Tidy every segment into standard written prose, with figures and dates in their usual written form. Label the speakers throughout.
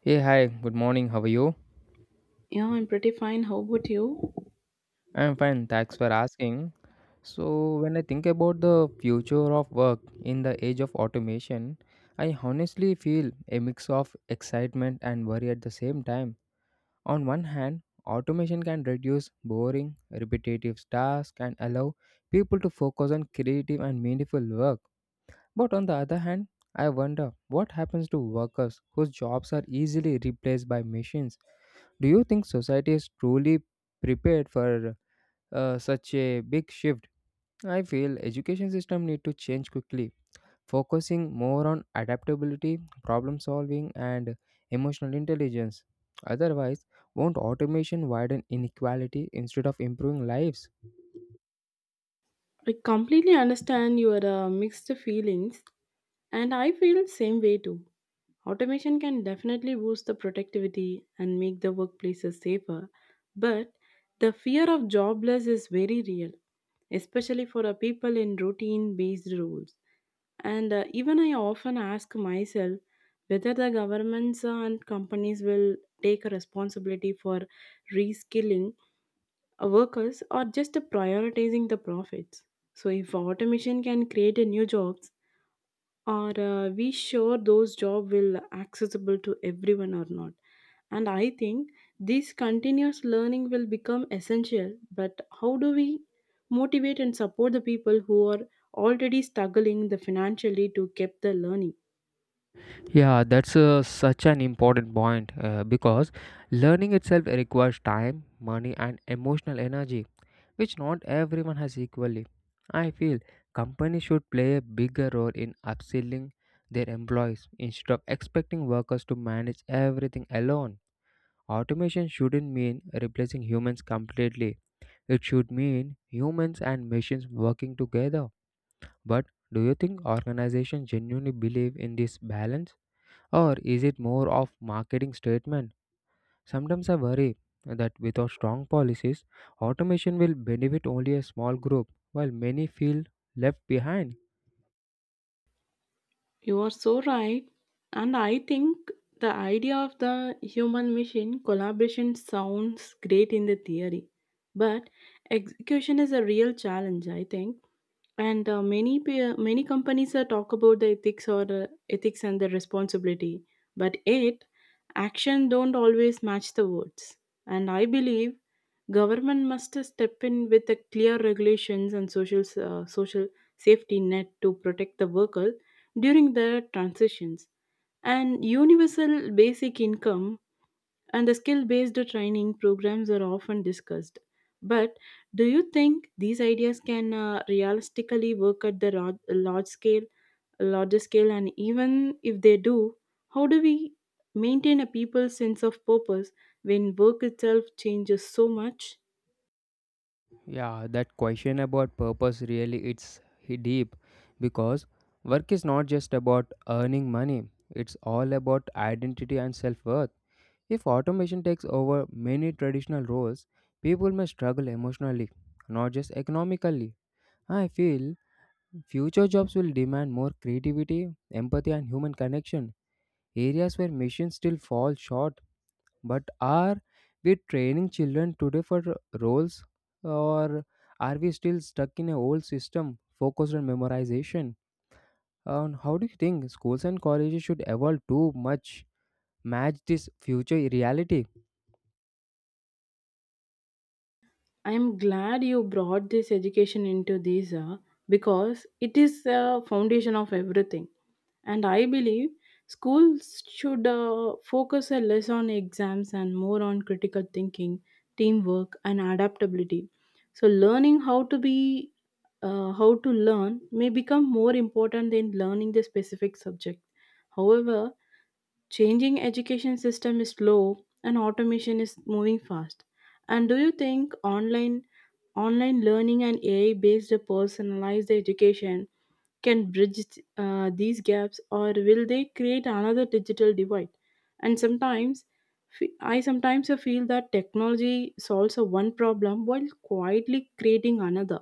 Speaker 1: Hey, hi, good morning. How are you?
Speaker 2: Yeah, I'm pretty fine. How about you?
Speaker 1: I'm fine, thanks for asking. When I think about the future of work in the age of automation, I honestly feel a mix of excitement and worry at the same time. On one hand, automation can reduce boring, repetitive tasks and allow people to focus on creative and meaningful work. But on the other hand, I wonder what happens to workers whose jobs are easily replaced by machines. Do you think society is truly prepared for such a big shift? I feel education system need to change quickly, focusing more on adaptability, problem solving and emotional intelligence. Otherwise, won't automation widen inequality instead of improving lives?
Speaker 2: I completely understand your mixed feelings, and I feel same way too. Automation can definitely boost the productivity and make the workplaces safer, but the fear of jobless is very real, especially for people in routine-based roles. And Even I often ask myself whether the governments and companies will take a responsibility for reskilling workers are just prioritizing the profits. So if automation can create a new jobs, are we sure those job will accessible to everyone or not? And I think this continuous learning will become essential. But how do we motivate and support the people who are already struggling the financially to keep the learning?
Speaker 1: Yeah, that's such an important point because learning itself requires time, money, and emotional energy, which not everyone has equally. I feel companies should play a bigger role in upskilling their employees instead of expecting workers to manage everything alone. Automation shouldn't mean replacing humans completely, it should mean humans and machines working together. But do you think organizations genuinely believe in this balance? Or is it more of marketing statement? Sometimes I worry that without strong policies, automation will benefit only a small group while many feel left behind.
Speaker 2: You are so right. And I think the idea of the human machine collaboration sounds great in the theory, but execution is a real challenge, I think. And Many companies talk about the ethics or ethics and the responsibility, but it action don't always match the words. And I believe government must step in with a clear regulations and social social safety net to protect the worker during their transitions. And universal basic income and the skill based training programs are often discussed. But do you think these ideas can realistically work at the large scale, larger scale? And even if they do, how do we maintain a people's sense of purpose when work itself changes so much?
Speaker 1: Yeah, that question about purpose really deep because work is not just about earning money, it's all about identity and self-worth. If automation takes over many traditional roles, people may struggle emotionally, not just economically. I feel future jobs will demand more creativity, empathy, and human connection, areas where machines still fall short. But are we training children today for roles, or are we still stuck in an old system focused on memorization? And how do you think schools and colleges should evolve too much match this future reality?
Speaker 2: I'm glad you brought this education into this, because it is the foundation of everything. And I believe schools should focus a less on exams and more on critical thinking, teamwork, and adaptability. So learning how to be how to learn may become more important than learning the specific subject. However, changing education system is slow and automation is moving fast, and do you think online learning and AI based personalized education can bridge these gaps, or will they create another digital divide? And sometimes I sometimes feel that technology solves a one problem while quietly creating another.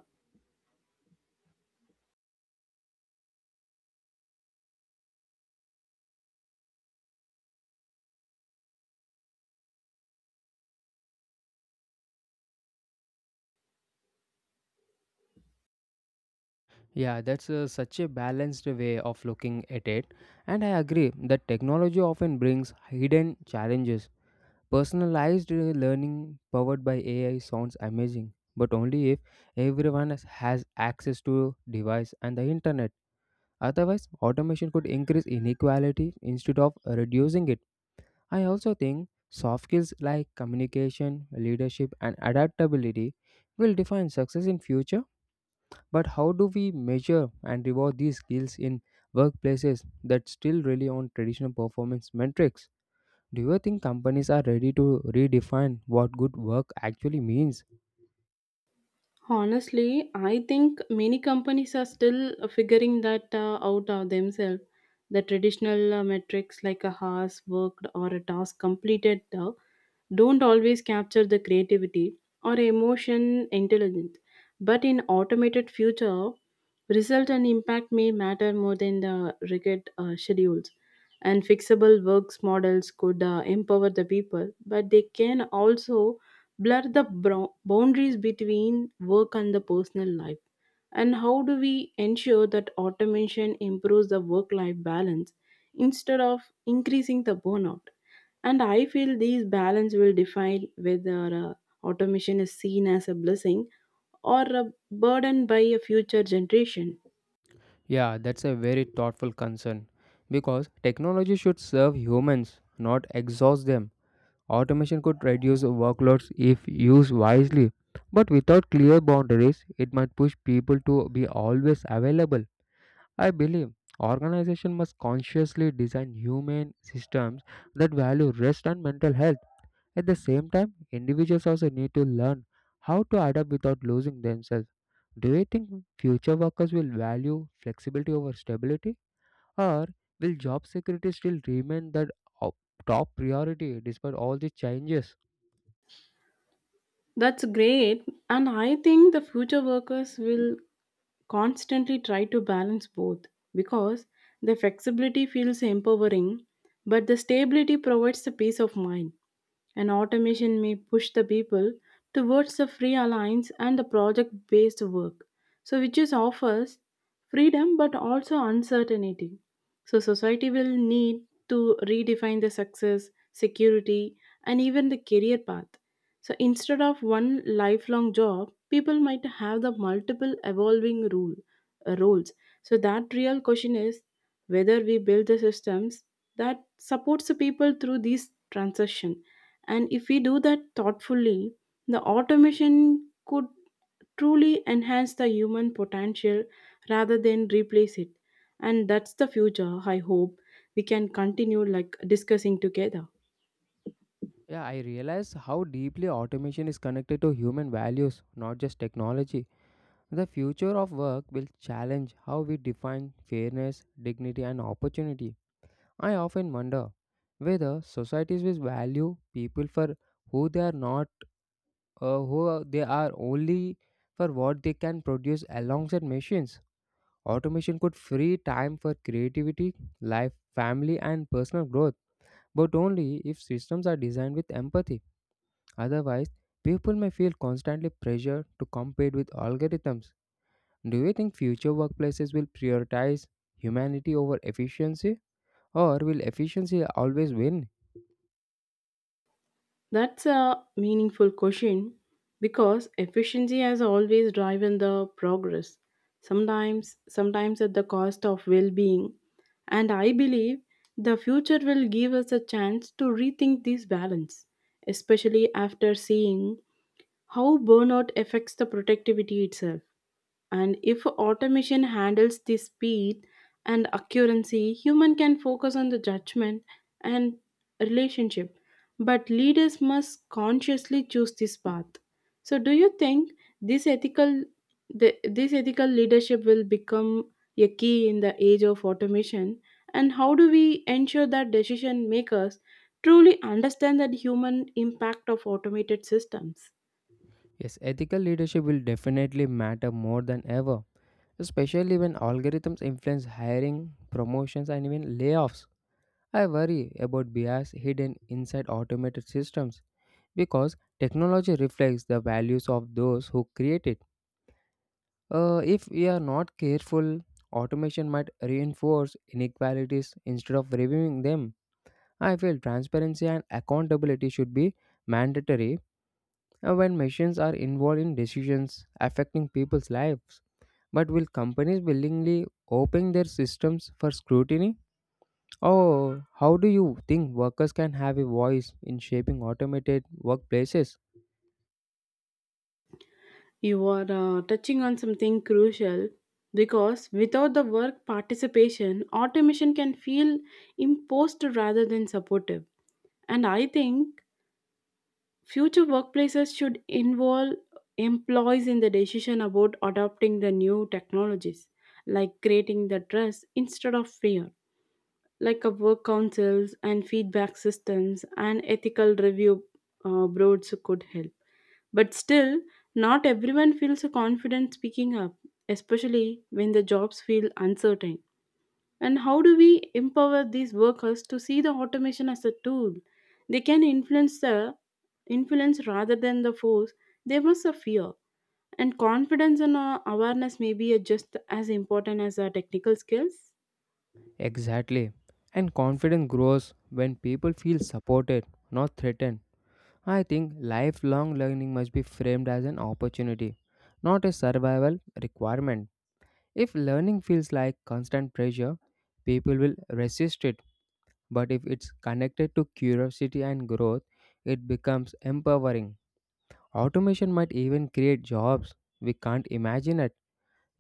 Speaker 1: Yeah, that's such a balanced way of looking at it, and I agree that technology often brings hidden challenges. Personalized learning powered by AI sounds amazing, but only if everyone has access to device and the internet. Otherwise, automation could increase inequality instead of reducing it. I also think soft skills like communication, leadership and adaptability will define success in future, but how do we measure and reward these skills in workplaces that still rely on traditional performance metrics? Do you think companies are ready to redefine what good work actually means?
Speaker 2: Honestly, I think many companies are still figuring that out themselves. The traditional metrics like a hours worked or a task completed don't always capture the creativity or emotion intelligence. But in automated future, result and impact may matter more than the rigid schedules. And fixable works models could empower the people, but they can also blur the boundaries between work and the personal life. And how do we ensure that automation improves the work life balance instead of increasing the burnout? And I feel these balance will define whether automation is seen as a blessing or a burden by a future generation.
Speaker 1: Yeah, that's a very thoughtful concern because technology should serve humans, not exhaust them. Automation could reduce workloads if used wisely, but without clear boundaries, it might push people to be always available. I believe organization must consciously design humane systems that value rest and mental health. At the same time, individuals also need to learn how to adapt without losing themselves. Do you think future workers will value flexibility over stability, or will job security still remain the o- top priority despite all the changes?
Speaker 2: That's great. And I think the future workers will constantly try to balance both because the flexibility feels empowering, but the stability provides the peace of mind, and automation may push the people towards the free alliance and the project based work, so which is offers freedom but also uncertainty. So society will need to redefine the success, security, and even the career path. So instead of one lifelong job, people might have the multiple evolving rule uh, roles. So that real question is whether we build the systems that supports the people through these transition. And if we do that thoughtfully, the automation could truly enhance the human potential rather than replace it. And that's the future I hope we can continue like discussing together.
Speaker 1: Yeah, I realize how deeply automation is connected to human values, not just technology. The future of work will challenge how we define fairness, dignity, and opportunity. I often wonder whether societies will value people for who they are not, they are only for what they can produce alongside machines. Automation could free time for creativity, life, family, and personal growth, but only if systems are designed with empathy. Otherwise, people may feel constantly pressured to compete with algorithms. Do you think future workplaces will prioritize humanity over efficiency, or will efficiency always win?
Speaker 2: That's a meaningful question because efficiency has always driven the progress. Sometimes at the cost of well-being, and I believe the future will give us a chance to rethink this balance, especially after seeing how burnout affects the productivity itself. And if automation handles the speed and accuracy, human can focus on the judgment and relationship, but leaders must consciously choose this path. So do you think this ethical this ethical leadership will become a key in the age of automation, and how do we ensure that decision makers truly understand that human impact of automated systems?
Speaker 1: Yes, ethical leadership will definitely matter more than ever, especially when algorithms influence hiring, promotions, and even layoffs. I worry about bias hidden inside automated systems because technology reflects the values of those who create it. If we are not careful, automation might reinforce inequalities instead of reviewing them. I feel transparency and accountability should be mandatory when machines are involved in decisions affecting people's lives. But will companies willingly open their systems for scrutiny? Or how do you think workers can have a voice in shaping automated workplaces?
Speaker 2: You are touching on something crucial because without the work participation, automation can feel imposed rather than supportive. And I think future workplaces should involve employees in the decision about adopting the new technologies, like creating the trust instead of fear, like a work councils and feedback systems and ethical review boards could help. But still, not everyone feels confident speaking up, especially when the jobs feel uncertain. And how do we empower these workers to see the automation as a tool? They can influence the influence rather than the force. They must have fear. And confidence and awareness may be just as important as our technical skills.
Speaker 1: Exactly. And confidence grows when people feel supported, not threatened. I think lifelong learning must be framed as an opportunity, not a survival requirement. If learning feels like constant pressure, people will resist it. But if it's connected to curiosity and growth, it becomes empowering. Automation might even create jobs we can't imagine it,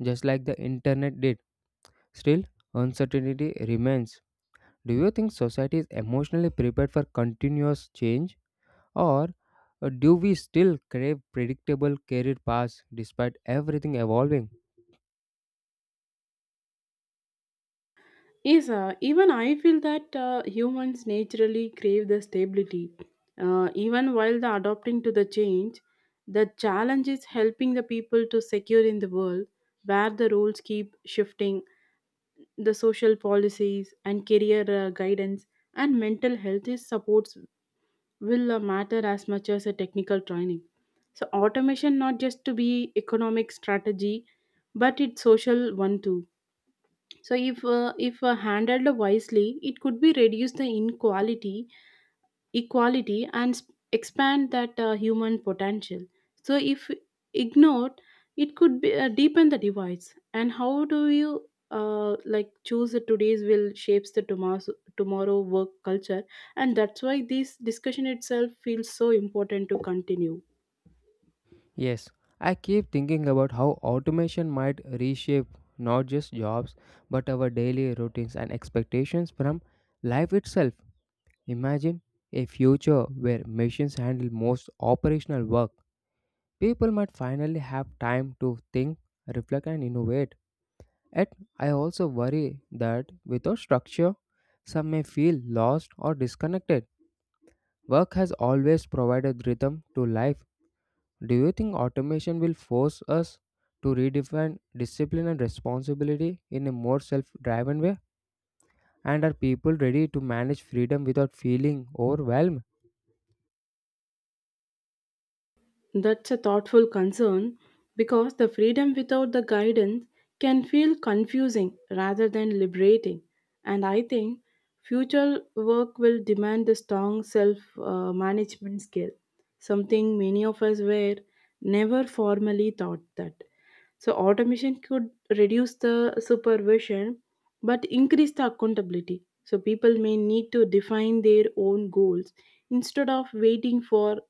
Speaker 1: just like the internet did. Still, uncertainty remains. Do you think society is emotionally prepared for continuous change? Or do we still crave predictable career paths despite everything evolving?
Speaker 2: Yes, even I feel that humans naturally crave the stability. Even while the adopting to the change, the challenge is helping the people to secure in the world where the rules keep shifting. The social policies and career guidance and mental health is supports will matter as much as a technical training. So automation not just to be economic strategy, but it's social one too. So if handled wisely, it could be reduce the inequality, equality, and expand that human potential. So if ignored, it could be, deepen the divides. And how do you like choose the today's will shapes the tomorrow work culture, and that's why this discussion itself feels so important to continue.
Speaker 1: Yes, I keep thinking about how automation might reshape not just jobs but our daily routines and expectations from life itself. Imagine a future where machines handle most operational work. People might finally have time to think, reflect, and innovate. Yet, I also worry that without structure, some may feel lost or disconnected. Work has always provided rhythm to life. Do you think automation will force us to redefine discipline and responsibility in a more self driven way? And are people ready to manage freedom without feeling overwhelmed?
Speaker 2: That's a thoughtful concern because the freedom without the guidance can feel confusing rather than liberating. And I think future work will demand a strong self management skill, something many of us were never formally taught that. So, automation could reduce the supervision but increase the accountability. So, people may need to define their own goals instead of waiting for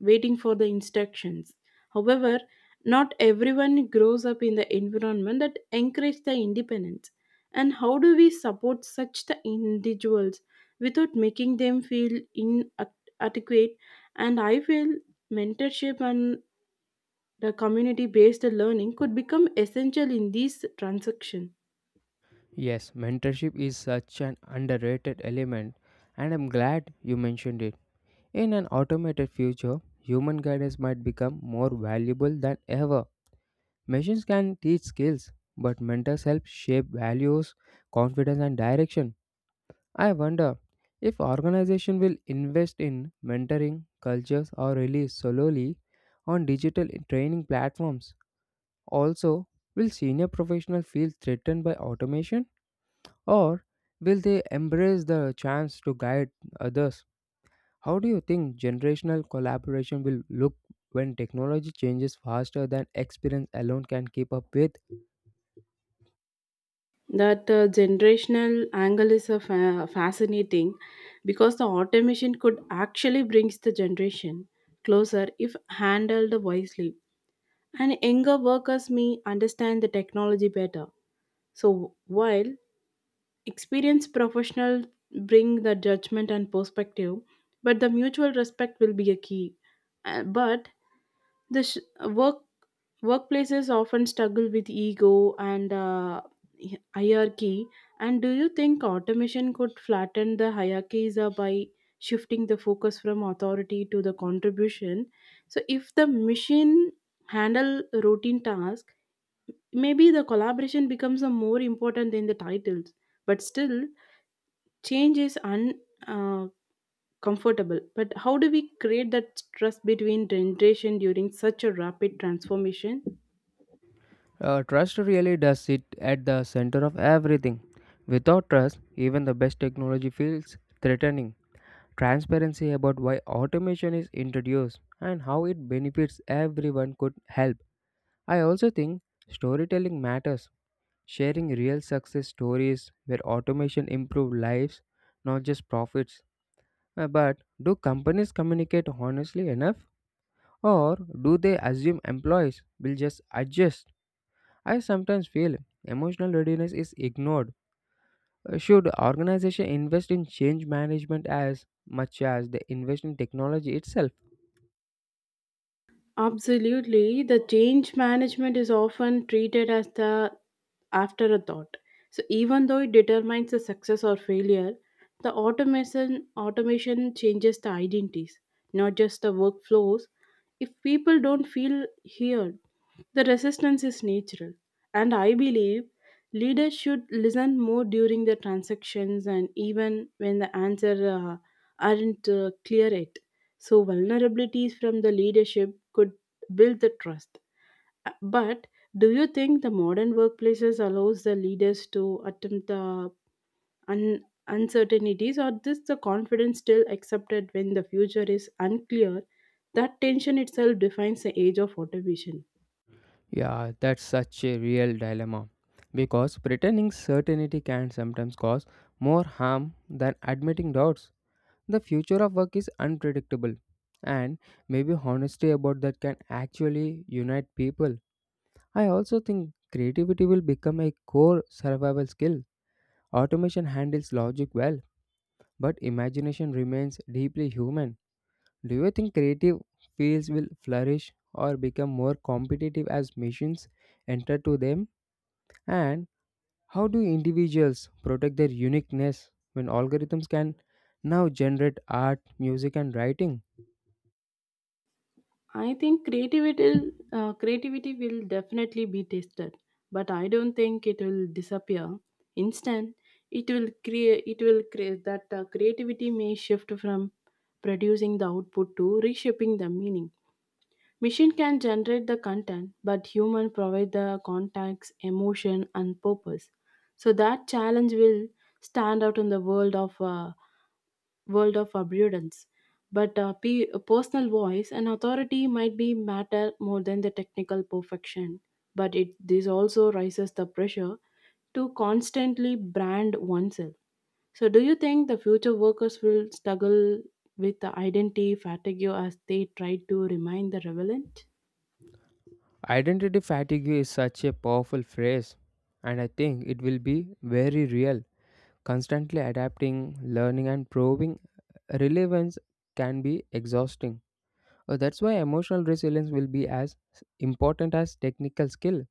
Speaker 2: waiting for the instructions. However, not everyone grows up in the environment that encourages the independence. And how do we support such the individuals without making them feel inadequate? And I feel mentorship and the community based learning could become essential in this transaction.
Speaker 1: Yes, mentorship is such an underrated element, and I'm glad you mentioned it. In an automated future, human guidance might become more valuable than ever. Machines can teach skills, but mentors help shape values, confidence, and direction. I wonder if organization will invest in mentoring cultures or rely solely on digital training platforms. Also, will senior professionals feel threatened by automation, or will they embrace the chance to guide others? How do you think generational collaboration will look when technology changes faster than experience alone can keep up with?
Speaker 2: That generational angle is a fascinating because the automation could actually brings the generation closer if handled wisely, and younger workers may understand the technology better. So while experienced professionals bring the judgment and perspective, but the mutual respect will be a key. But the workplaces often struggle with ego and hierarchy. And do you think automation could flatten the hierarchies by shifting the focus from authority to the contribution? So, if the machine handle routine tasks, maybe the collaboration becomes a more important than the titles. But still, change is uncomfortable. Comfortable. But how do we create that trust between generation during such a rapid transformation?
Speaker 1: Trust really does sit at the center of everything. Without trust, even the best technology feels threatening. Transparency about why automation is introduced and how it benefits everyone could help. I also think storytelling matters. Sharing real success stories where automation improved lives, not just profits. But do companies communicate honestly enough? Or do they assume employees will just adjust? I sometimes feel emotional readiness is ignored. Should organization invest in change management as much as they invest in technology itself?
Speaker 2: Absolutely. The change management is often treated as the afterthought. So even though it determines the success or failure, the automation changes the identities, not just the workflows. If people don't feel heard, the resistance is natural. And I believe leaders should listen more during the transactions and even when the answers aren't clear yet. So, vulnerabilities from the leadership could build the trust. But do you think the modern workplaces allows the leaders to attempt the uncertainties, or this the confidence still accepted when the future is unclear? That tension itself defines the age of automation.
Speaker 1: Yeah, that's such a real dilemma. Because pretending certainty can sometimes cause more harm than admitting doubts. The future of work is unpredictable, and maybe honesty about that can actually unite people. I also think creativity will become a core survival skill. Automation handles logic well but imagination remains deeply human. Do you think creative fields will flourish or become more competitive as machines enter to them? And how do individuals protect their uniqueness when algorithms can now generate art, music, and writing?
Speaker 2: I think creativity will definitely be tested, but I don't think it will disappear instant. It will create that creativity may shift from producing the output to reshaping the meaning. Machine can generate the content, but human provide the context, emotion, and purpose. So that challenge will stand out in the world of abundance. But a personal voice and authority might be matter more than the technical perfection. But it this also raises the pressure to constantly brand oneself. So, do you think the future workers will struggle with the identity fatigue as they try to remain the relevant?
Speaker 1: Identity fatigue is such a powerful phrase, and I think it will be very real. Constantly adapting, learning, and proving relevance can be exhausting. That's why emotional resilience will be as important as technical skill.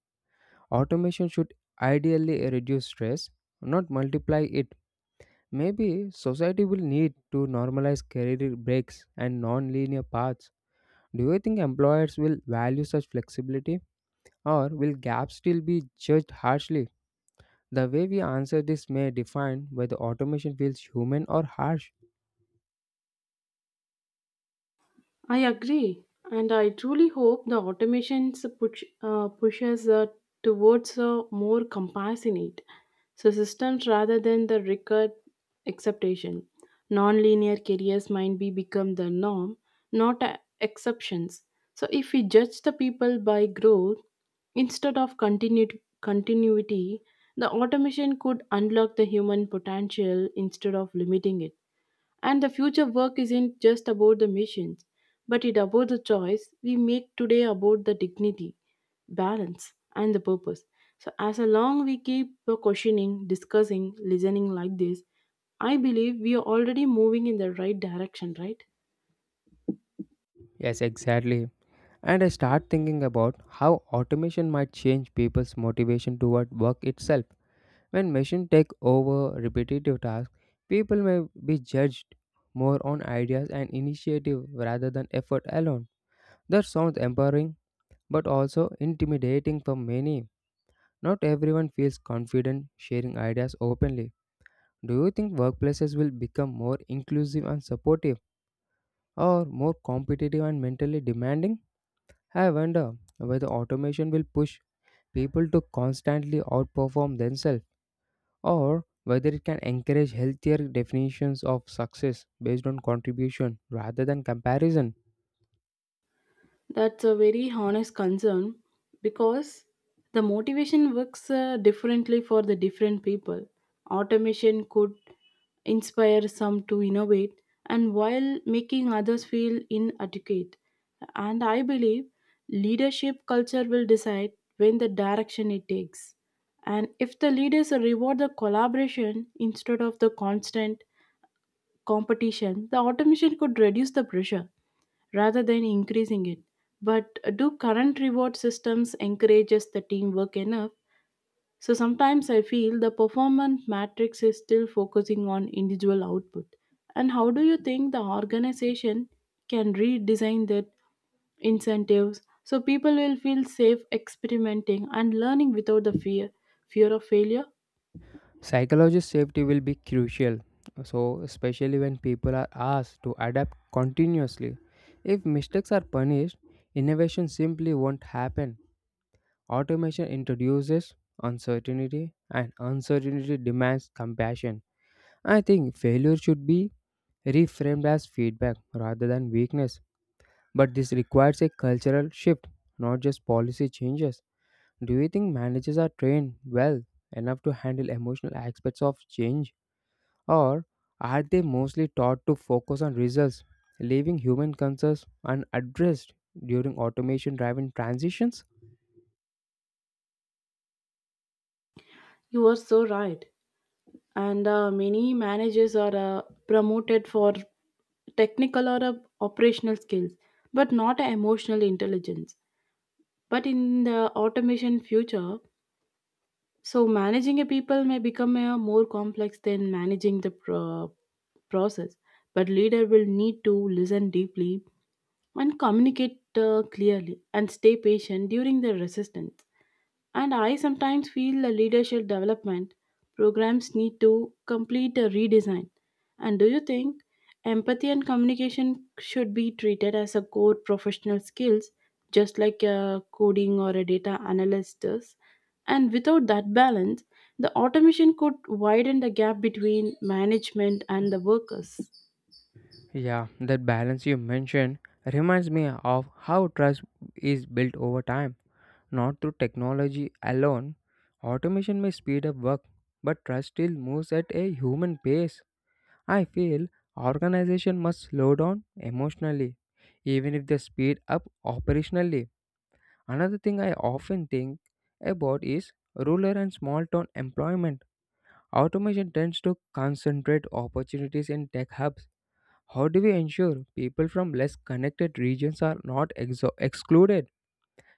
Speaker 1: Automation should ideally reduce stress, not multiply it. Maybe society will need to normalize career breaks and non-linear paths. Do you think employers will value such flexibility or will gaps still be judged harshly? The way we answer this may define whether automation feels human or harsh.
Speaker 2: I agree, and I truly hope the automations pushes towards a more compassionate so systems rather than the record acceptation. Non-linear careers might be become the norm, not exceptions. So if we judge the people by growth instead of continuity, the automation could unlock the human potential instead of limiting it. And the future work isn't just about the missions, but it about the choice we make today about the dignity, balance, and the purpose. So as long we keep questioning, discussing, listening like this, I believe we are already moving in the right direction, right?
Speaker 1: Yes, exactly. And I start thinking about how automation might change people's motivation toward work itself. When machines take over repetitive tasks, people may be judged more on ideas and initiative rather than effort alone. That sounds empowering but also intimidating for many. Not everyone feels confident sharing ideas openly. Do you think workplaces will become more inclusive and supportive or more competitive and mentally demanding? I wonder whether automation will push people to constantly outperform themselves, or whether it can encourage healthier definitions of success based on contribution rather than comparison.
Speaker 2: That's a very honest concern because the motivation works differently for the different people. Automation could inspire some to innovate and while making others feel inadequate. And I believe leadership culture will decide when the direction it takes. And if the leaders reward the collaboration instead of the constant competition, the automation could reduce the pressure rather than increasing it. But do current reward systems encourages the teamwork enough? So sometimes I feel the performance matrix is still focusing on individual output. And how do you think the organization can redesign that incentives so people will feel safe experimenting and learning without the fear of failure?
Speaker 1: Psychologist safety will be crucial, so especially when people are asked to adapt continuously. If mistakes are punished, innovation simply won't happen. Automation introduces uncertainty, and uncertainty demands compassion. I think failure should be reframed as feedback rather than weakness. But this requires a cultural shift, not just policy changes. Do you think managers are trained well enough to handle emotional aspects of change? Or are they mostly taught to focus on results, leaving human concerns unaddressed during automation driven transitions?
Speaker 2: You are so right. And many managers are promoted for technical or operational skills but not emotional intelligence, but in the automation future, so managing a people may become a more complex than managing the process, but leader will need to listen deeply and communicate clearly and stay patient during the resistance. And I sometimes feel the leadership development programs need to complete a redesign. And do you think empathy and communication should be treated as a core professional skills, just like a coding or a data analyst does? And without that balance, the automation could widen the gap between management and the workers.
Speaker 1: Yeah, that balance you mentioned reminds me of how trust is built over time, not through technology alone. Automation may speed up work, but trust still moves at a human pace. I feel organization must slow down emotionally, even if they speed up operationally. Another thing I often think about is rural and small town employment. Automation tends to concentrate opportunities in tech hubs. How do we ensure people from less connected regions are not excluded?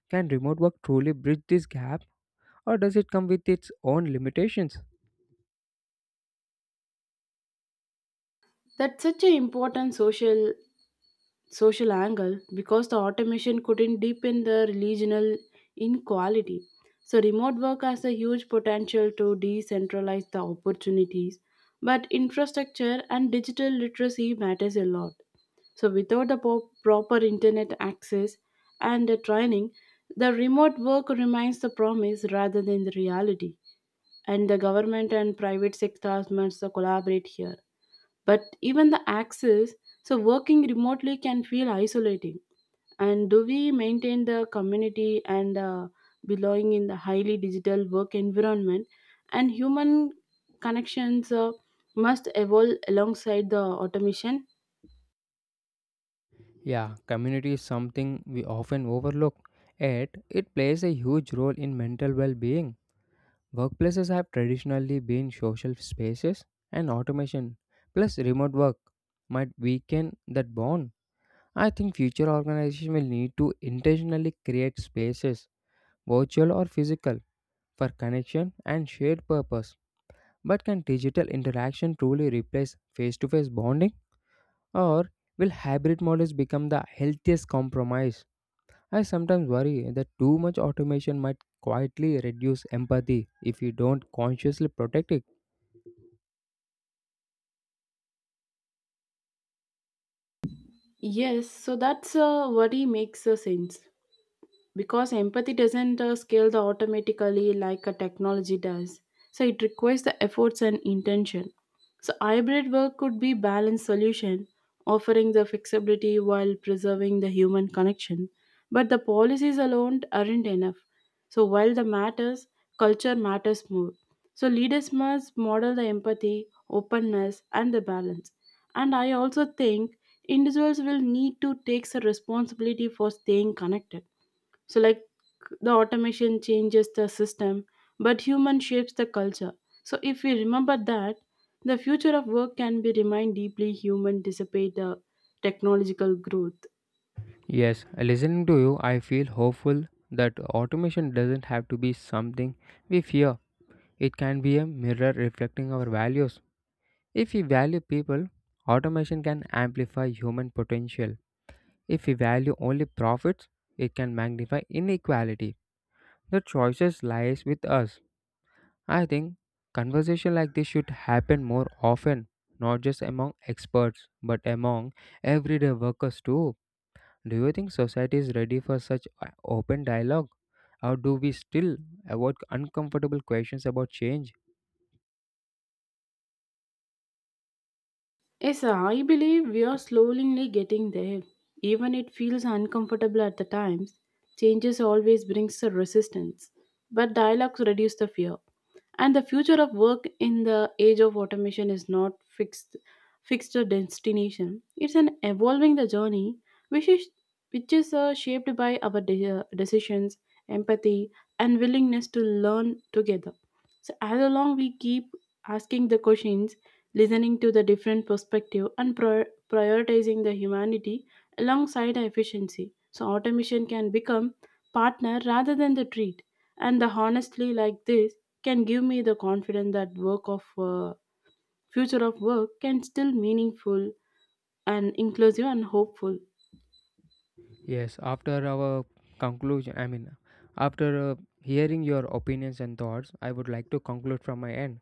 Speaker 1: Can remote work truly bridge this gap, or does it come with its own limitations?
Speaker 2: That's such an important social angle because the automation couldn't deepen the regional inequality. So, remote work has a huge potential to decentralize the opportunities, but infrastructure and digital literacy matters a lot. So, without the proper internet access and the training, the remote work remains the promise rather than the reality. And the government and private sectors must collaborate here. But even the access, so working remotely can feel isolating. And do we maintain the community and belonging in the highly digital work environment? And human connections must evolve alongside the automation.
Speaker 1: Yeah, community is something we often overlook, yet it plays a huge role in mental well being. Workplaces have traditionally been social spaces, and automation plus remote work might weaken that bond. I think future organizations will need to intentionally create spaces, virtual or physical, for connection and shared purpose. But can digital interaction truly replace face to face bonding, or will hybrid models become the healthiest compromise? I sometimes worry that too much automation might quietly reduce empathy if we don't consciously protect it.
Speaker 2: Yes, so that's what he makes sense, because empathy doesn't scale the automatically like a technology does. So it requires the efforts and intention. So hybrid work could be balanced solution, offering the flexibility while preserving the human connection. But the policies alone aren't enough. So while the matters, culture matters more. So leaders must model the empathy, openness and the balance. And I also think individuals will need to take the responsibility for staying connected. So like, the automation changes the system, but human shapes the culture. So if we remember that, the future of work can be remain deeply human despite the technological growth.
Speaker 1: Yes, listening to you, I feel hopeful that automation doesn't have to be something we fear. It can be a mirror reflecting our values. If we value people, automation can amplify human potential. If we value only profits, it can magnify inequality. The choices lies with us. I think conversation like this should happen more often, not just among experts, but among everyday workers too. Do you think society is ready for such open dialogue, or do we still avoid uncomfortable questions about change?
Speaker 2: Yes, I believe we are slowly getting there. Even it feels uncomfortable at the times. Changes always brings a resistance, but dialogues reduce the fear. And the future of work in the age of automation is not fixed a destination. It's an evolving the journey, which is which is shaped by our decisions, empathy, and willingness to learn together. So as long we keep asking the questions, listening to the different perspective and prioritizing the humanity alongside efficiency, so automation can become partner rather than the treat. And the honestly like this can give me the confidence that work of future of work can still meaningful and inclusive and hopeful.
Speaker 1: Yes, after our conclusion, I mean, after hearing your opinions and thoughts, I would like to conclude from my end.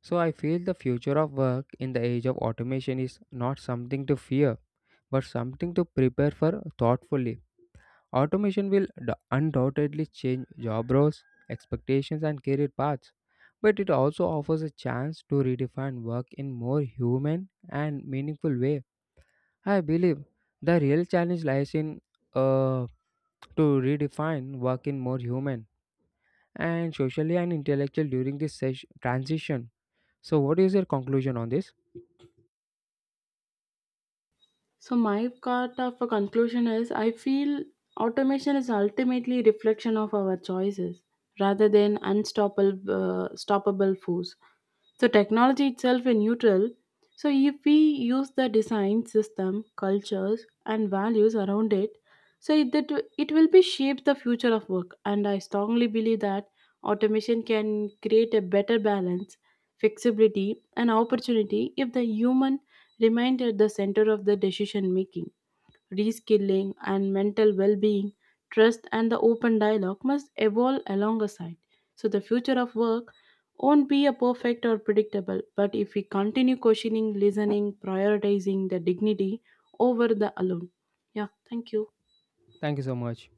Speaker 1: So, I feel the future of work in the age of automation is not something to fear, but something to prepare for thoughtfully. Automation will undoubtedly change job roles, expectations, and career paths, but it also offers a chance to redefine work in more human and meaningful way. I believe the real challenge lies in uh, to redefine work in more human and socially and intellectual during this transition. So, what is your conclusion on this?
Speaker 2: So my part of a conclusion is, I feel automation is ultimately reflection of our choices rather than unstoppable stoppable force. So technology itself is neutral. So if we use the design system, cultures and values around it, so that it will be shape the future of work. And I strongly believe that automation can create a better balance, flexibility and opportunity if the human remained at the center of the decision making, reskilling and mental well being, trust and the open dialogue must evolve alongside. So, the future of work won't be a perfect or predictable, but if we continue questioning, listening, prioritizing the dignity over the alone. Yeah, thank you.
Speaker 1: Thank you so much.